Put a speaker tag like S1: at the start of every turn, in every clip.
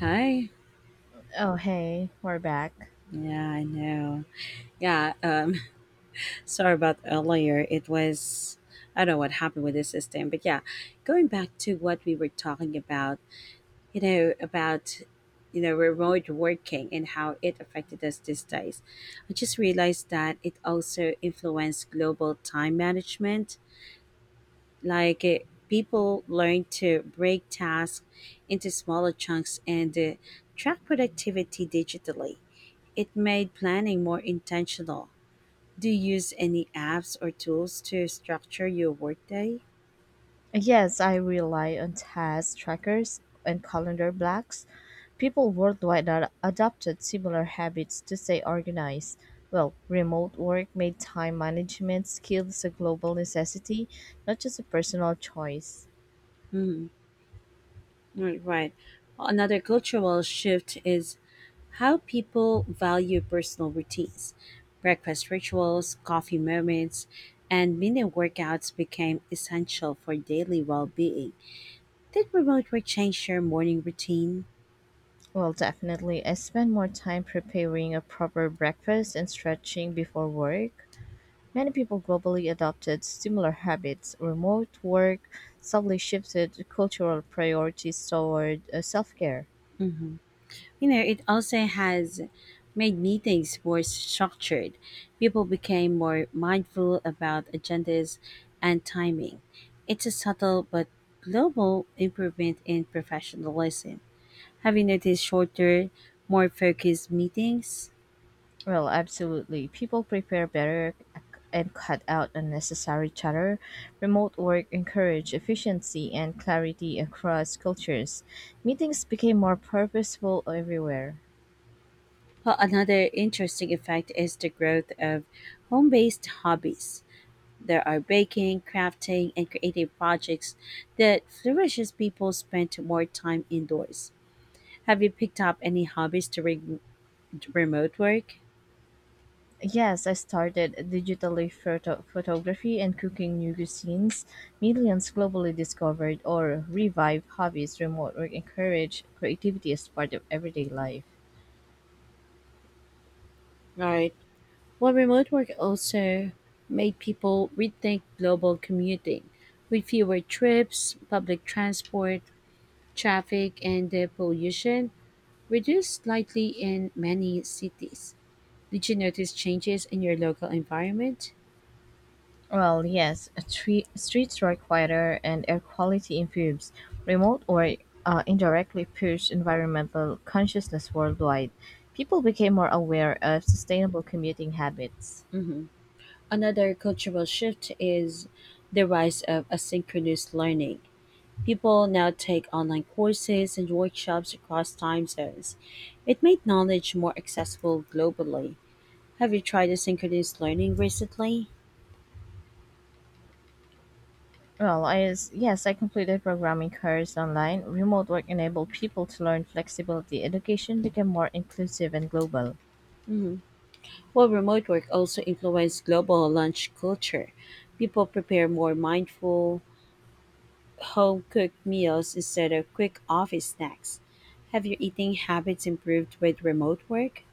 S1: Hi.
S2: Oh, hey, we're back.
S1: Yeah, I know. Yeah, um, Sorry about earlier. I don't know what happened with the system, but yeah, going back to what we were talking about, about, remote working and how it affected us these days. I just realized that it also influenced global time management. Like eh, People learn to break tasks into smaller chunks and track productivity digitally. It made planning more intentional. Do you use any apps or tools to structure your workday?
S2: Yes, I rely on task trackers and calendar blocks. People worldwide are adopted similar habits to stay organized. Well, remote work made time management skills a global necessity, not just a personal choice.
S1: Mm, right. Right. Another cultural shift is how people value personal routines, breakfast rituals, coffee moments, and mini workouts became essential for daily well being. Did remote work change your morning routine?
S2: Well, definitely, I spend more time preparing a proper breakfast and stretching before work. Many people globally adopted similar habits; remote work subtly shifted cultural priorities toward self-care.
S1: Hmm. You know, it also has made meetings more structured. People became more mindful about agendas and timing. It's a subtle but global improvement in professionalism. Have you noticed shorter, more focused meetings?
S2: Well, absolutely. People prepare better and cut out unnecessary chatter. Remote work encouraged efficiency and clarity across cultures. Meetings became more purposeful everywhere.
S1: Well, another interesting effect is the growth of home based hobbies. There are baking, crafting, and creative projects that flourish as people spend more time indoors. Have you picked up any hobbies during remote work?
S2: Yes, I started photography and cooking new cuisines. Millions globally discovered or revived hobbies, remote work, encourage creativity as part of everyday life.
S1: Right. Well, remote work also made people rethink global commuting with fewer trips, public transport, traffic, and the pollution reduced slightly in many cities. Did you notice changes in your local environment?
S2: Well, yes, streets are quieter and air quality improves. Remote or indirectly pushed environmental consciousness worldwide. People became more aware of sustainable commuting habits.
S1: Hmm. Another cultural shift is the rise of asynchronous learning. People now take online courses and workshops across time zones. It made knowledge more accessible globally. Have you tried asynchronous learning recently?
S2: Well, yes, I completed programming course online. Remote work enabled people to learn flexibility. Education became more inclusive and global.
S1: Hmm. While remote work also influenced global lunch culture, people prepare more mindful, home-cooked meals instead of quick office snacks. Have your eating habits improved with remote work?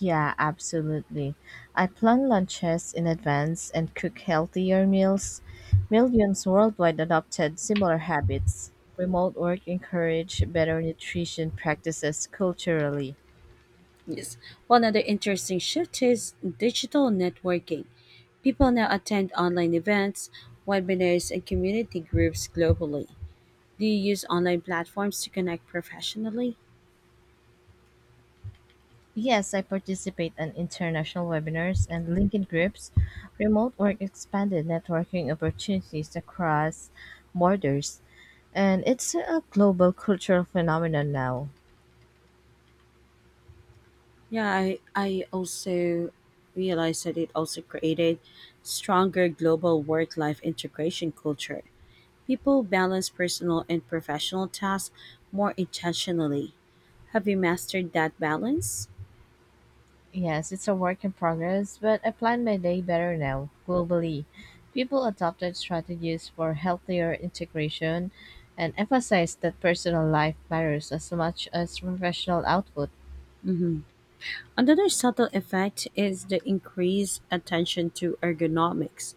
S2: Yeah, absolutely. I plan lunches in advance and cook healthier meals. Millions worldwide adopted similar habits. Remote work encouraged better nutrition practices culturally.
S1: Yes. One other interesting shift is digital networking. People now attend online events, webinars, and community groups globally. Do you use online platforms to connect professionally?
S2: Yes, I participate in international webinars and LinkedIn groups, remote work expanded networking opportunities across borders. And it's a global cultural phenomenon now.
S1: Yeah, I also realized that it also created stronger global work life integration culture. People balance personal and professional tasks more intentionally. Have you mastered that balance?
S2: Yes, it's a work in progress, but I plan my day better now, globally. People adopted strategies for healthier integration and emphasized that personal life matters as much as professional output.
S1: Hmm. Another subtle effect is the increased attention to ergonomics.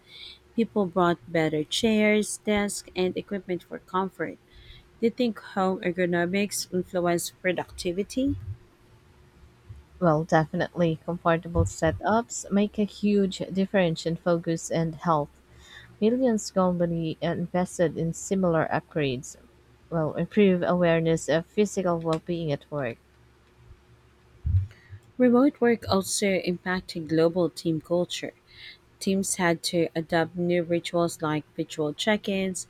S1: People brought better chairs, desks, and equipment for comfort. Do you think home ergonomics influence productivity?
S2: Well, definitely. Comfortable setups make a huge difference in focus and health. Millions globally invested in similar upgrades will improve awareness of physical well-being at work.
S1: Remote work also impacted global team culture. Teams had to adopt new rituals like virtual check ins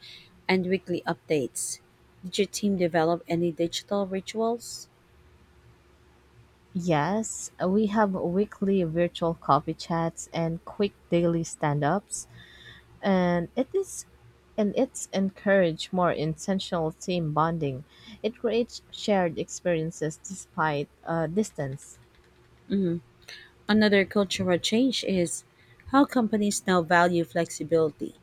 S1: and weekly updates. Did your team develop any digital rituals?
S2: Yes, we have weekly virtual coffee chats and quick daily stand-ups, and it is and it's encourage more intentional team bonding. It creates shared experiences despite distance.
S1: Another cultural change is how companies now value flexibility.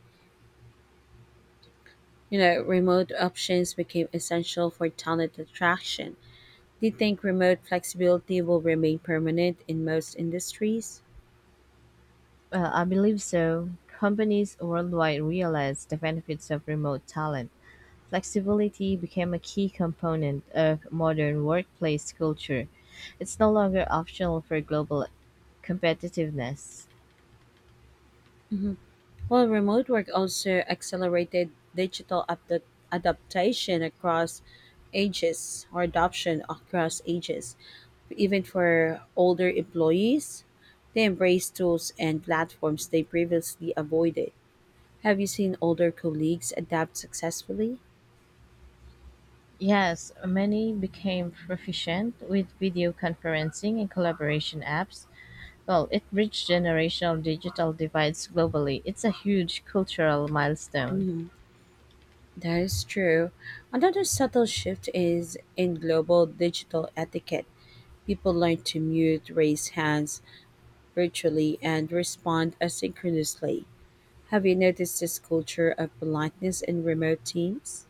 S1: You know, remote options became essential for talent attraction. Do you think remote flexibility will remain permanent in most industries?
S2: I believe so. Companies worldwide realized the benefits of remote talent. Flexibility became a key component of modern workplace culture. It's no longer optional for global competitiveness.
S1: Mhm. Well, remote work also accelerated adaptation across ages or adoption across ages. Even for older employees, they embrace tools and platforms they previously avoided. Have you seen older colleagues adapt successfully?
S2: Yes, many became proficient with video conferencing and collaboration apps. Well, it bridged generational digital divides globally. It's a huge cultural milestone.
S1: Mhm. That is true. Another subtle shift is in global digital etiquette. People learn to mute, raise hands virtually, and respond asynchronously. Have you noticed this culture of politeness in remote teams?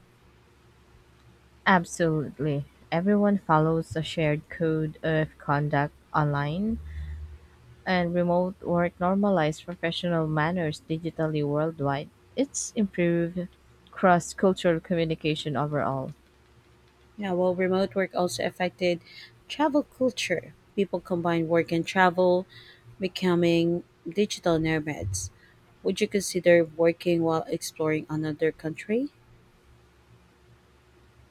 S2: Absolutely. Everyone follows a shared code of conduct online, and remote work normalized professional manners digitally worldwide. It's improved cross cultural communication overall.
S1: Yeah, well, remote work also affected travel culture. People combine work and travel, becoming digital nomads. Would you consider working while exploring another country?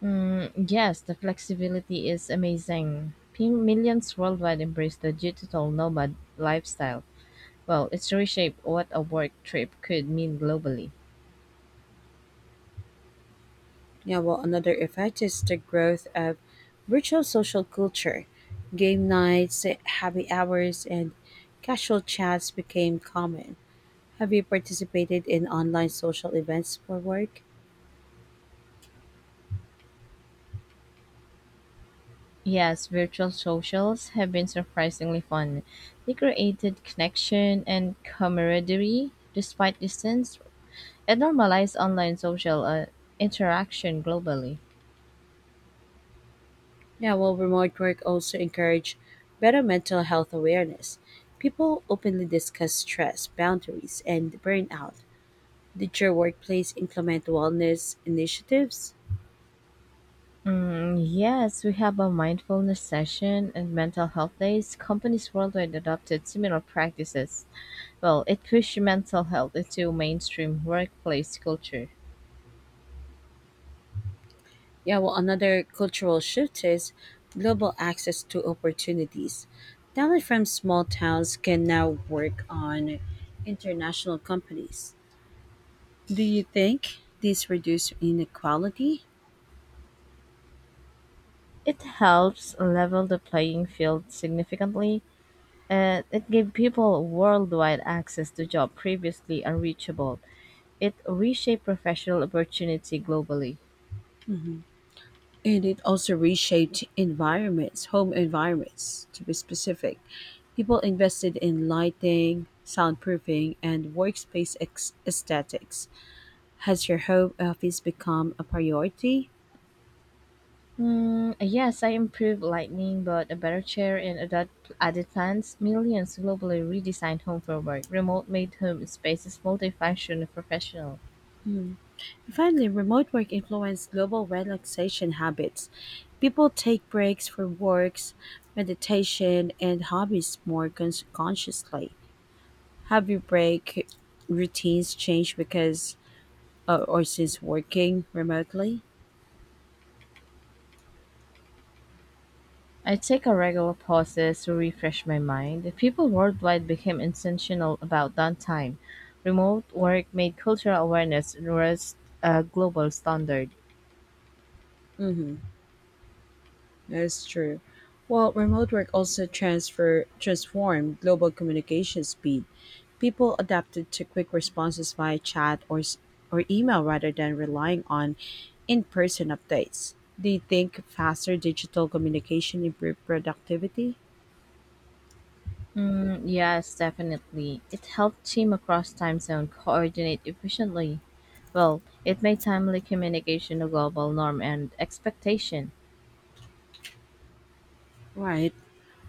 S2: Mm, yes, the flexibility is amazing. Millions worldwide embrace the digital nomad lifestyle. Well, it's reshaped what a work trip could mean globally.
S1: Yeah, well, another effect is the growth of virtual social culture. Game nights, happy hours, and casual chats became common. Have you participated in online social events for work?
S2: Yes, virtual socials have been surprisingly fun. They created connection and camaraderie despite distance and normalized online social interaction globally.
S1: Yeah, well, remote work also encourage better mental health awareness. People openly discuss stress, boundaries, and burnout. Did your workplace implement wellness initiatives?
S2: Mm, yes, we have a mindfulness session and mental health days. Companies worldwide adopted similar practices. Well, it pushed mental health into mainstream workplace culture.
S1: Yeah, well, another cultural shift is global access to opportunities. Talent from small towns can now work on international companies. Do you think this reduces inequality?
S2: It helps level the playing field significantly and it gave people worldwide access to jobs previously unreachable. It reshaped professional opportunity globally.
S1: And it also reshaped environments, home environments to be specific. People invested in lighting, soundproofing, and aesthetics. Has your home office become a priority?
S2: Hmm, yes, I improved lighting, but a better chair and added plans. Millions globally redesigned home for work. Remote made home spaces multifunction and professional.
S1: Finally, remote work influenced global relaxation habits. People take breaks for works, meditation, and hobbies consciously. Have your break routines changed because or since working remotely?
S2: I take a regular pauses to refresh my mind. People worldwide became intentional about downtime. Remote work made cultural awareness and rest a global standard.
S1: That's true. Well, remote work also transfer transformed global communication speed. People adapted to quick responses via or email rather than relying on in-person updates. Do you think faster digital communication improved productivity?
S2: Mm, yes, definitely. It helped team across time zone coordinate efficiently. Well, it made timely communication a global norm and expectation.
S1: Right.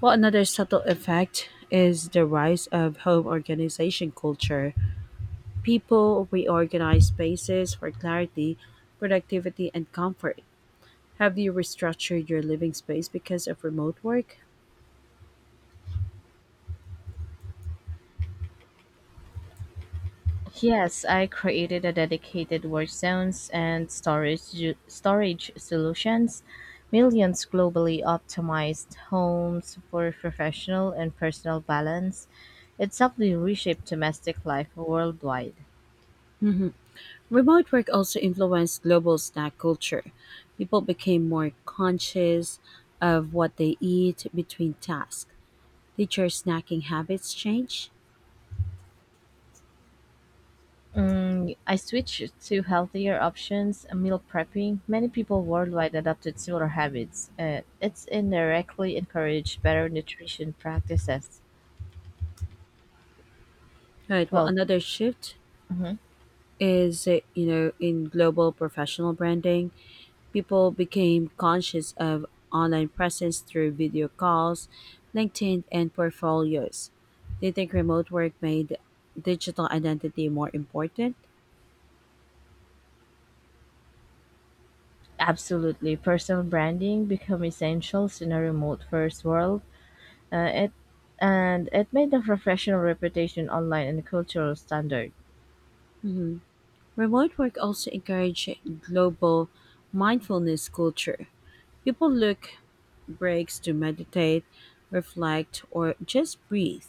S1: Well, another subtle effect is the rise of home organization culture. People reorganize spaces for clarity, productivity, and comfort. Have you restructured your living space because of remote work?
S2: Yes, I created a dedicated work zones and storage solutions. Millions globally optimized homes for professional and personal balance. It subtly reshaped domestic life worldwide.
S1: Remote work also influenced global snack culture. People became more conscious of what they eat between tasks. Did your snacking habits change?
S2: Mm, I switched to healthier options, meal prepping. Many people worldwide adopted similar habits. It's indirectly encouraged better nutrition practices.
S1: All right, well,
S2: Well,
S1: another shift
S2: mhm,
S1: is you know, in global professional branding, people became conscious of online presence through video calls, LinkedIn, and portfolios. They think remote work made digital identity more important.
S2: absolutely. Personal branding become essentials in a remote first world. It and it made the professional reputation online and cultural standard.
S1: Remote work also encouraged global mindfulness culture. People look breaks to meditate, reflect, or just breathe.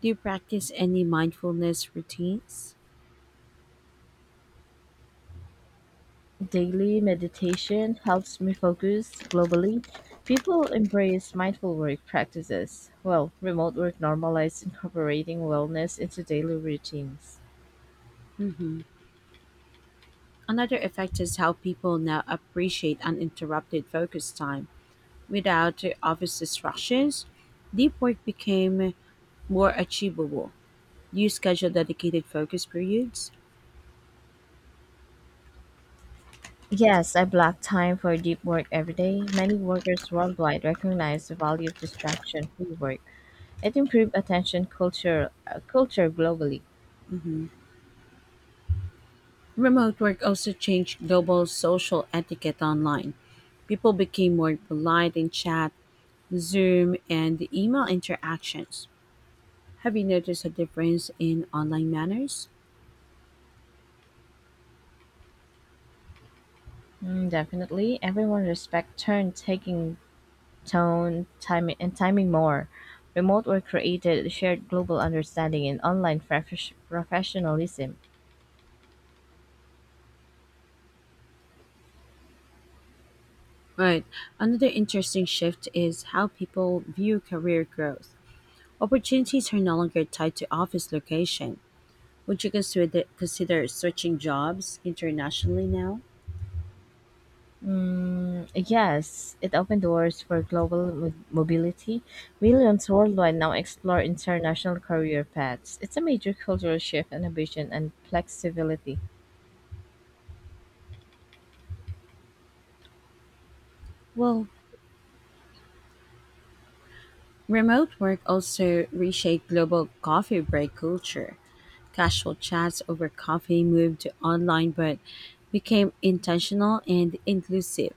S1: Do you practice any mindfulness routines?
S2: Daily meditation helps me focus. Globally, people embrace mindful work practices. Well, remote work normalizes incorporating wellness into daily routines.
S1: Another effect is how people now appreciate uninterrupted focus time. Without office distractions, deep work became more achievable. Do you schedule dedicated focus periods?
S2: Yes, I block time for deep work every day. Many workers worldwide recognize the value of distraction-free work. It improves attention culture globally.
S1: Remote work also changed global social etiquette online. People became more polite in chat, Zoom, and email interactions. Have you noticed a difference in online manners?
S2: Mm, definitely, everyone respect turn taking tone, timing, and timing more. Remote work created shared global understanding and online professionalism.
S1: Right. Another interesting shift is how people view career growth. Opportunities are no longer tied to office location. Would you consider switching jobs internationally now?
S2: Mm, yes, it opened doors for global mobility. Millions worldwide now explore international career paths. It's a major cultural shift, innovation, and flexibility.
S1: Well, remote work also reshaped global coffee break culture. Casual chats over coffee moved to online but became intentional and inclusive.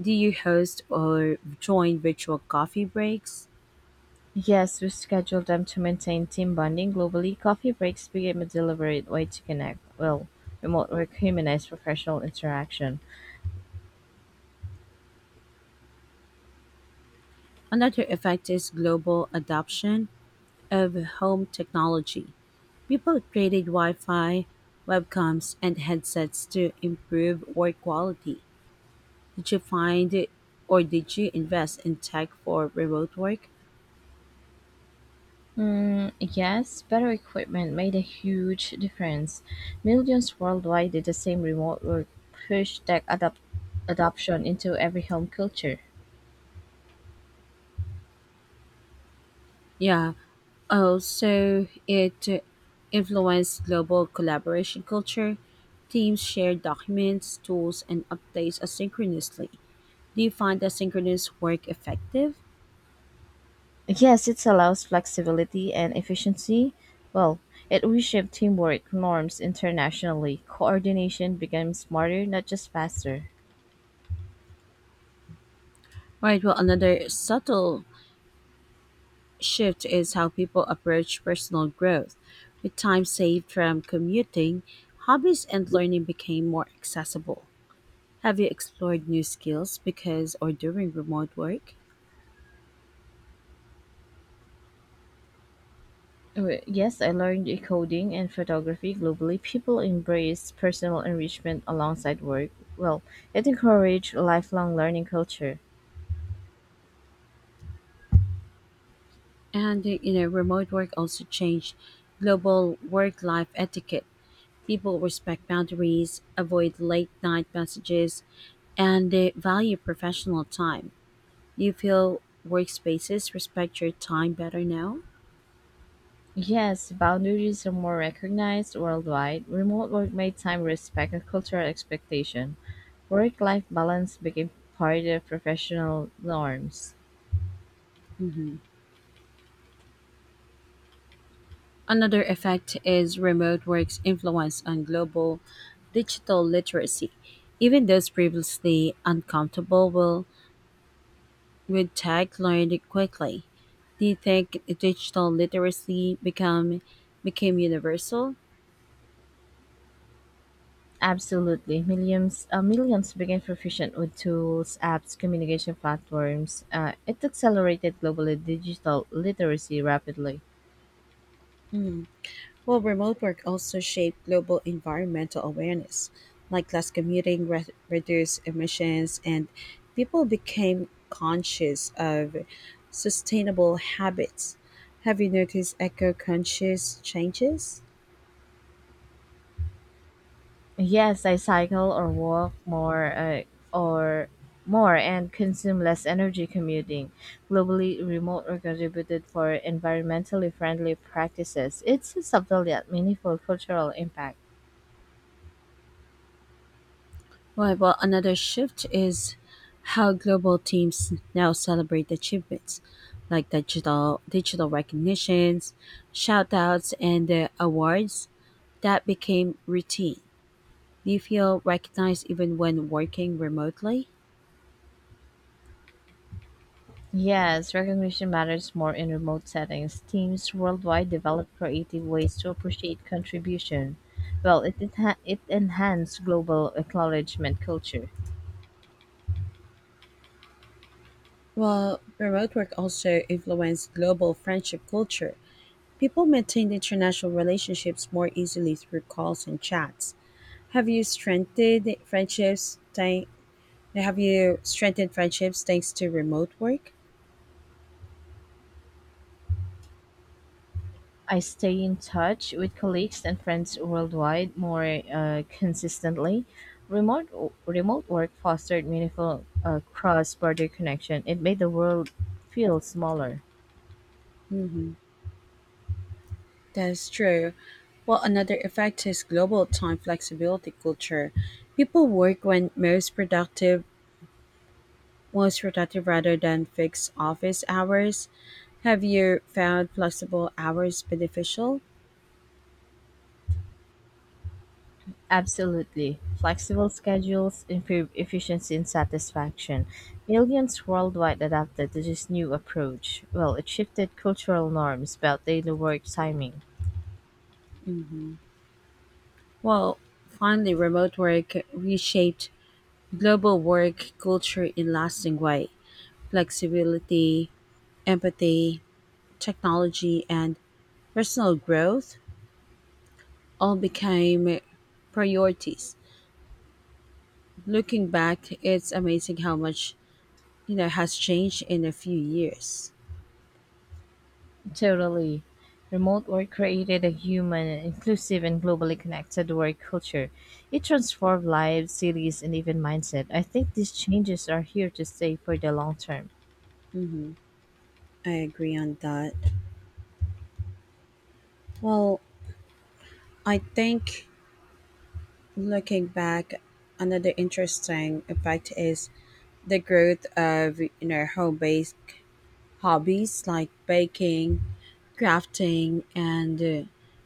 S1: Do you host or join virtual coffee breaks?
S2: Yes, we scheduled them to maintain team bonding globally. Coffee breaks became a deliberate way to connect. Well, remote work humanized professional interaction.
S1: Another effect is global adoption of home technology. People upgraded Wi-Fi, webcams, and headsets to improve work quality. Did you find it, or did you invest in tech for remote work?
S2: Mm, yes, better equipment made a huge difference. Millions worldwide did the same remote work pushed adoption into every home culture.
S1: Yeah. Also, it influenced global collaboration culture. Teams share documents, tools, and updates asynchronously. Do you find asynchronous work effective?
S2: Yes, it allows flexibility and efficiency. Well, it reshaped teamwork norms internationally. Coordination became smarter, not just faster.
S1: All right, well, another subtle shift is how people approach personal growth. With time saved from commuting, hobbies and learning became more accessible. Have you explored new skills because or during remote work?
S2: Yes, I learned coding and photography globally. People embrace personal enrichment alongside work. Well, it encouraged lifelong learning culture.
S1: And You know, remote work also changed global work life etiquette. People respect boundaries, avoid late night messages, and they value professional time. Do you feel workspaces respect your time better now?
S2: Yes, boundaries are more recognized worldwide. Remote work made time respect and cultural expectation. Work-life balance became part of professional norms.
S1: Mhm. Another effect is remote work's influence on global digital literacy. Even those previously uncomfortable will, with tech, learned it quickly. Do you think digital literacy become became universal?
S2: Absolutely, millions became proficient with tools, apps, communication platforms. It accelerated global digital literacy rapidly.
S1: Well, remote work also shaped global environmental awareness, like less commuting, reduced emissions, and people became conscious of sustainable habits. Have you noticed eco conscious changes?
S2: Yes, I cycle or walk or more and consume less energy commuting. Globally, remote or contributed for environmentally friendly practices. It's a subtle yet meaningful cultural impact.
S1: Well, another shift is how global teams now celebrate achievements, like digital recognitions, shout outs, and awards that became routine. Do you feel recognized even when working remotely?
S2: Yes, recognition matters more in remote settings. Teams worldwide develop creative ways to appreciate contribution. Well, it enhances global acknowledgement culture.
S1: Well, remote work also influenced global friendship culture. People maintained international relationships more easily through calls and chats. Have you strengthened friendships? Thank, have you strengthened friendships thanks to remote work?
S2: I stay in touch with colleagues and friends worldwide more consistently. Remote remote work fostered meaningful cross border connection. It made the world feel smaller.
S1: That's true. Well, another effect is global time flexibility culture. People work when most productive rather than fixed office hours. Have you found flexible hours beneficial?
S2: Absolutely. Flexible schedules improve efficiency and satisfaction. Millions worldwide adapted to this new approach. Well, it shifted cultural norms about daily work timing.
S1: Well, finally, remote work reshaped global work culture in lasting way. Flexibility, empathy, technology, and personal growth all became priorities. Looking back, it's amazing how much you know has changed in a few years.
S2: Totally. Remote work created a human, inclusive, and globally connected work culture. It transformed lives, cities, and even mindset. I think these changes are here to stay for the long term.
S1: I agree on that. Well, I think. Looking back, another interesting effect is the growth of you know home based hobbies like baking, crafting, and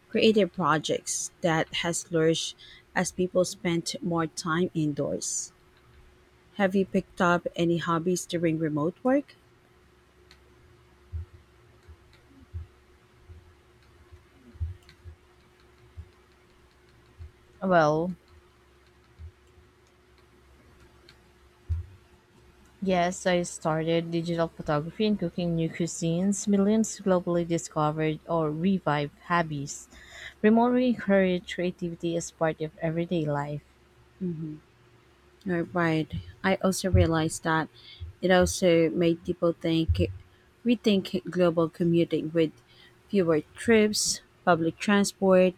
S1: creative projects that has flourished as people spent more time indoors. Have you picked up any hobbies during remote work?
S2: Well, yes, I started digital photography and cooking new cuisines. Millions globally discovered or revived hobbies. Remote work encouraged creativity as part of everyday life.
S1: Right. I also realized that it also made rethink global commuting with fewer trips, public transport,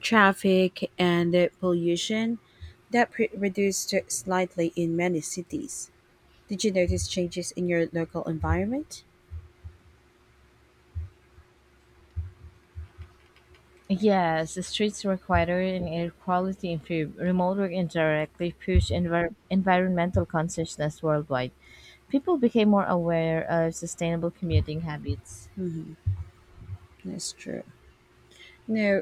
S1: traffic, and pollution that reduced slightly in many cities. Did you notice changes in your local environment?
S2: Yes, the streets require an air quality improve. Remote work indirectly pushed environmental consciousness worldwide. People became more aware of sustainable commuting habits.
S1: That's true. Now,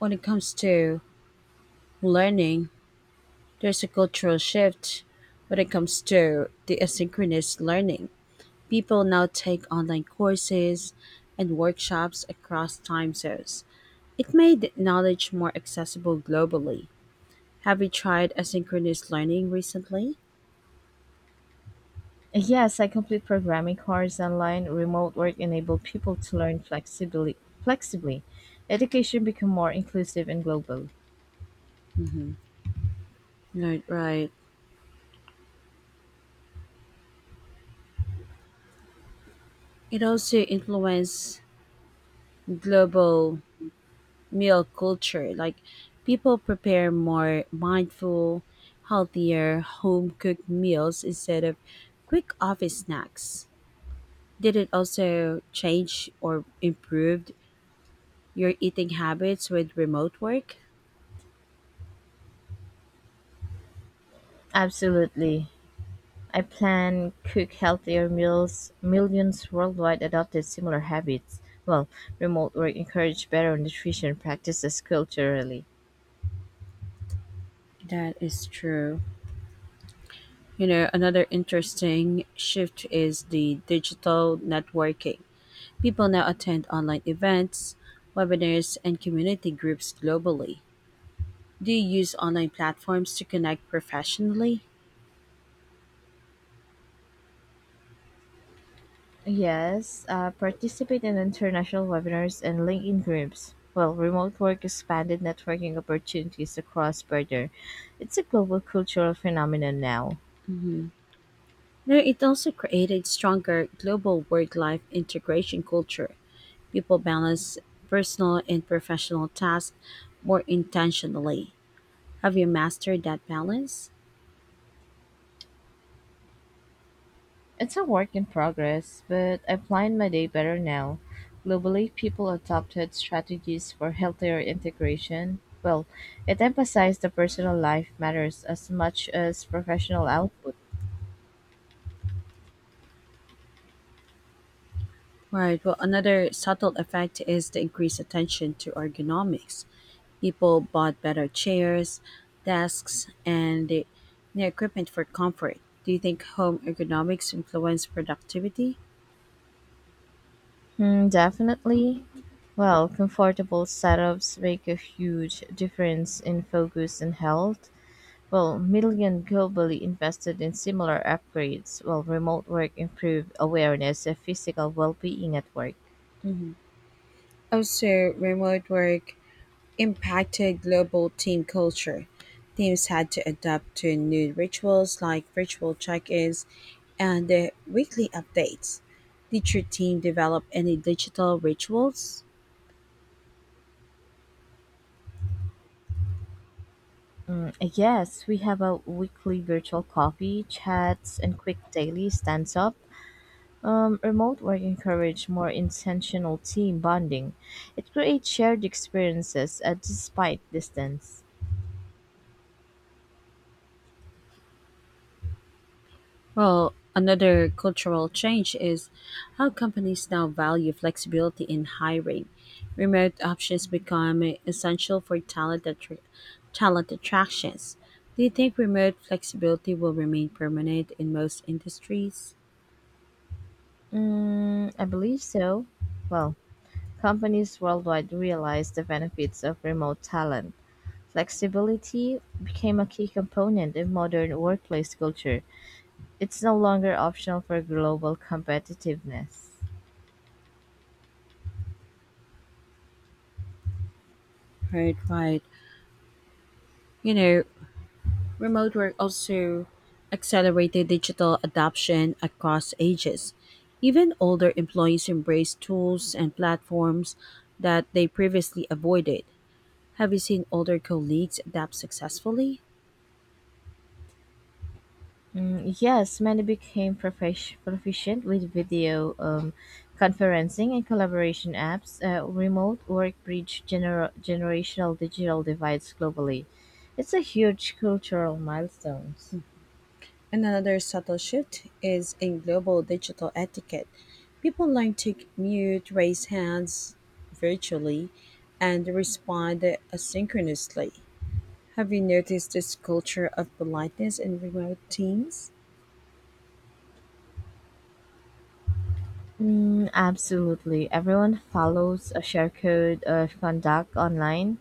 S1: when it comes to learning, there's a cultural shift when it comes to the asynchronous learning. People now take online courses and workshops across time zones. It made knowledge more accessible globally. Have you tried asynchronous learning recently?
S2: Yes, I complete programming course online. Remote work enabled people to learn flexibly. Flexibly, education become more inclusive and global.
S1: Mhm. Right, right. It also influenced global meal culture. Like, people prepare more mindful, healthier home cooked meals instead of quick office snacks. Did it also change or improve your eating habits with remote work?
S2: Absolutely. I plan, cook healthier meals. Millions worldwide adopted similar habits. Well, remote work encouraged better nutrition practices culturally.
S1: That is true. You know, another interesting shift is the digital networking. People now attend online events, webinars, and community groups globally. Do you use online platforms to connect professionally?
S2: Yes, participate in international webinars and LinkedIn groups. Well, remote work expanded networking opportunities across border. It's a global cultural phenomenon now.
S1: No, it also created stronger global work life integration culture. People balance personal and professional tasks more intentionally. Have you mastered that balance?
S2: It's a work in progress, but I plan my day better now. Globally, people adopted strategies for healthier integration. Well, it emphasized that personal life matters as much as professional output.
S1: Right. Well, another subtle effect is the increased attention to ergonomics. People bought better chairs, desks, and the new equipment for comfort. Do you think home ergonomics influenced productivity?
S2: Hmm, definitely. Well, comfortable setups make a huge difference in focus and health. Well, million globally invested in similar upgrades, while remote work improved awareness of physical well-being at work.
S1: Also, remote work impacted global team culture. Teams had to adapt to new rituals like virtual check ins and weekly updates. Did your team develop any digital rituals?
S2: Yes, we have a weekly virtual coffee, chats, and quick daily stands up. Remote work encourage more intentional team bonding. It creates shared experiences despite distance.
S1: Well, another cultural change is how companies now value flexibility in hiring. Remote options become essential for talent attractions. Do you think remote flexibility will remain permanent in most industries?
S2: Mm, I believe so. Well, companies worldwide realize the benefits of remote talent. Flexibility became a key component in modern workplace culture. It's no longer optional for global competitiveness.
S1: Right, right. You know, remote work also accelerated digital adoption across ages. Even older employees embrace tools and platforms that they previously avoided. Have you seen older colleagues adapt successfully?
S2: Mm, yes, many became proficient with video conferencing and collaboration apps. Remote work bridged generational digital divides globally. It's a huge cultural milestone.
S1: And another subtle shift is in global digital etiquette. People learn to mute, raise hands virtually, and respond asynchronously. Have you noticed this culture of politeness in remote teams?
S2: Mm, absolutely. Everyone follows a share code of conduct online.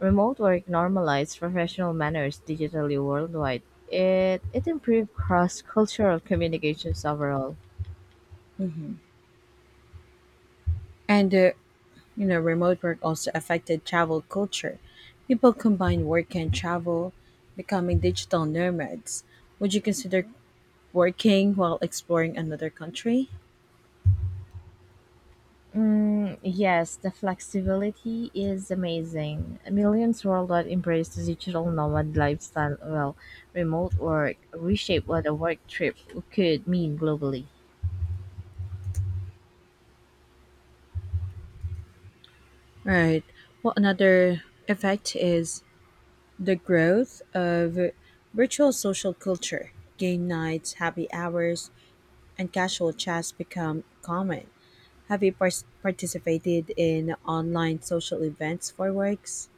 S2: Remote work normalized professional manners digitally worldwide. It improved cross cultural communications overall.
S1: And You know, remote work also affected travel culture. People combine work and travel, becoming digital nomads. Would you consider working while exploring another country?
S2: Mm, yes, the flexibility is amazing. Millions worldwide embrace the digital nomad lifestyle. Well, remote work reshape what a work trip could mean globally.
S1: Right. Well, another effect is the growth of virtual social culture. Game nights, happy hours, and casual chats become common. Have you participated in online social events for works?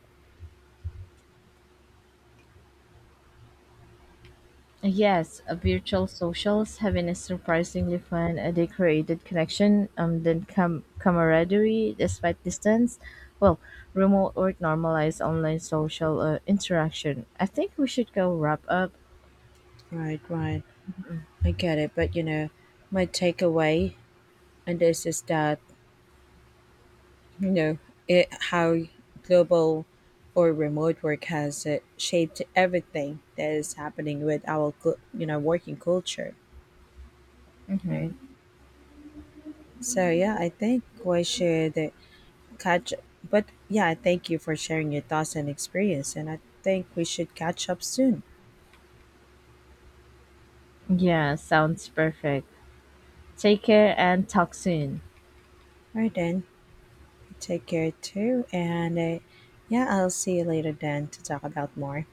S2: Yes, virtual socials have been a surprisingly fun. They created connection, then camaraderie despite distance. Well, remote work normalized online social interaction. I think we should go wrap up.
S1: Right, right. I get it. But, you know, my takeaway, and this is that you know it how global or remote work has shaped everything that is happening with our you know working culture, right? So yeah, I think we should catch but yeah, I thank you for sharing your thoughts and experience, and I think we should catch up soon.
S2: Yeah, sounds perfect. Take care and talk soon.
S1: All right then, take care too, and yeah, I'll see you later then to talk about more.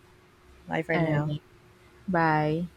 S1: Bye for
S2: All
S1: now.
S2: right. Bye.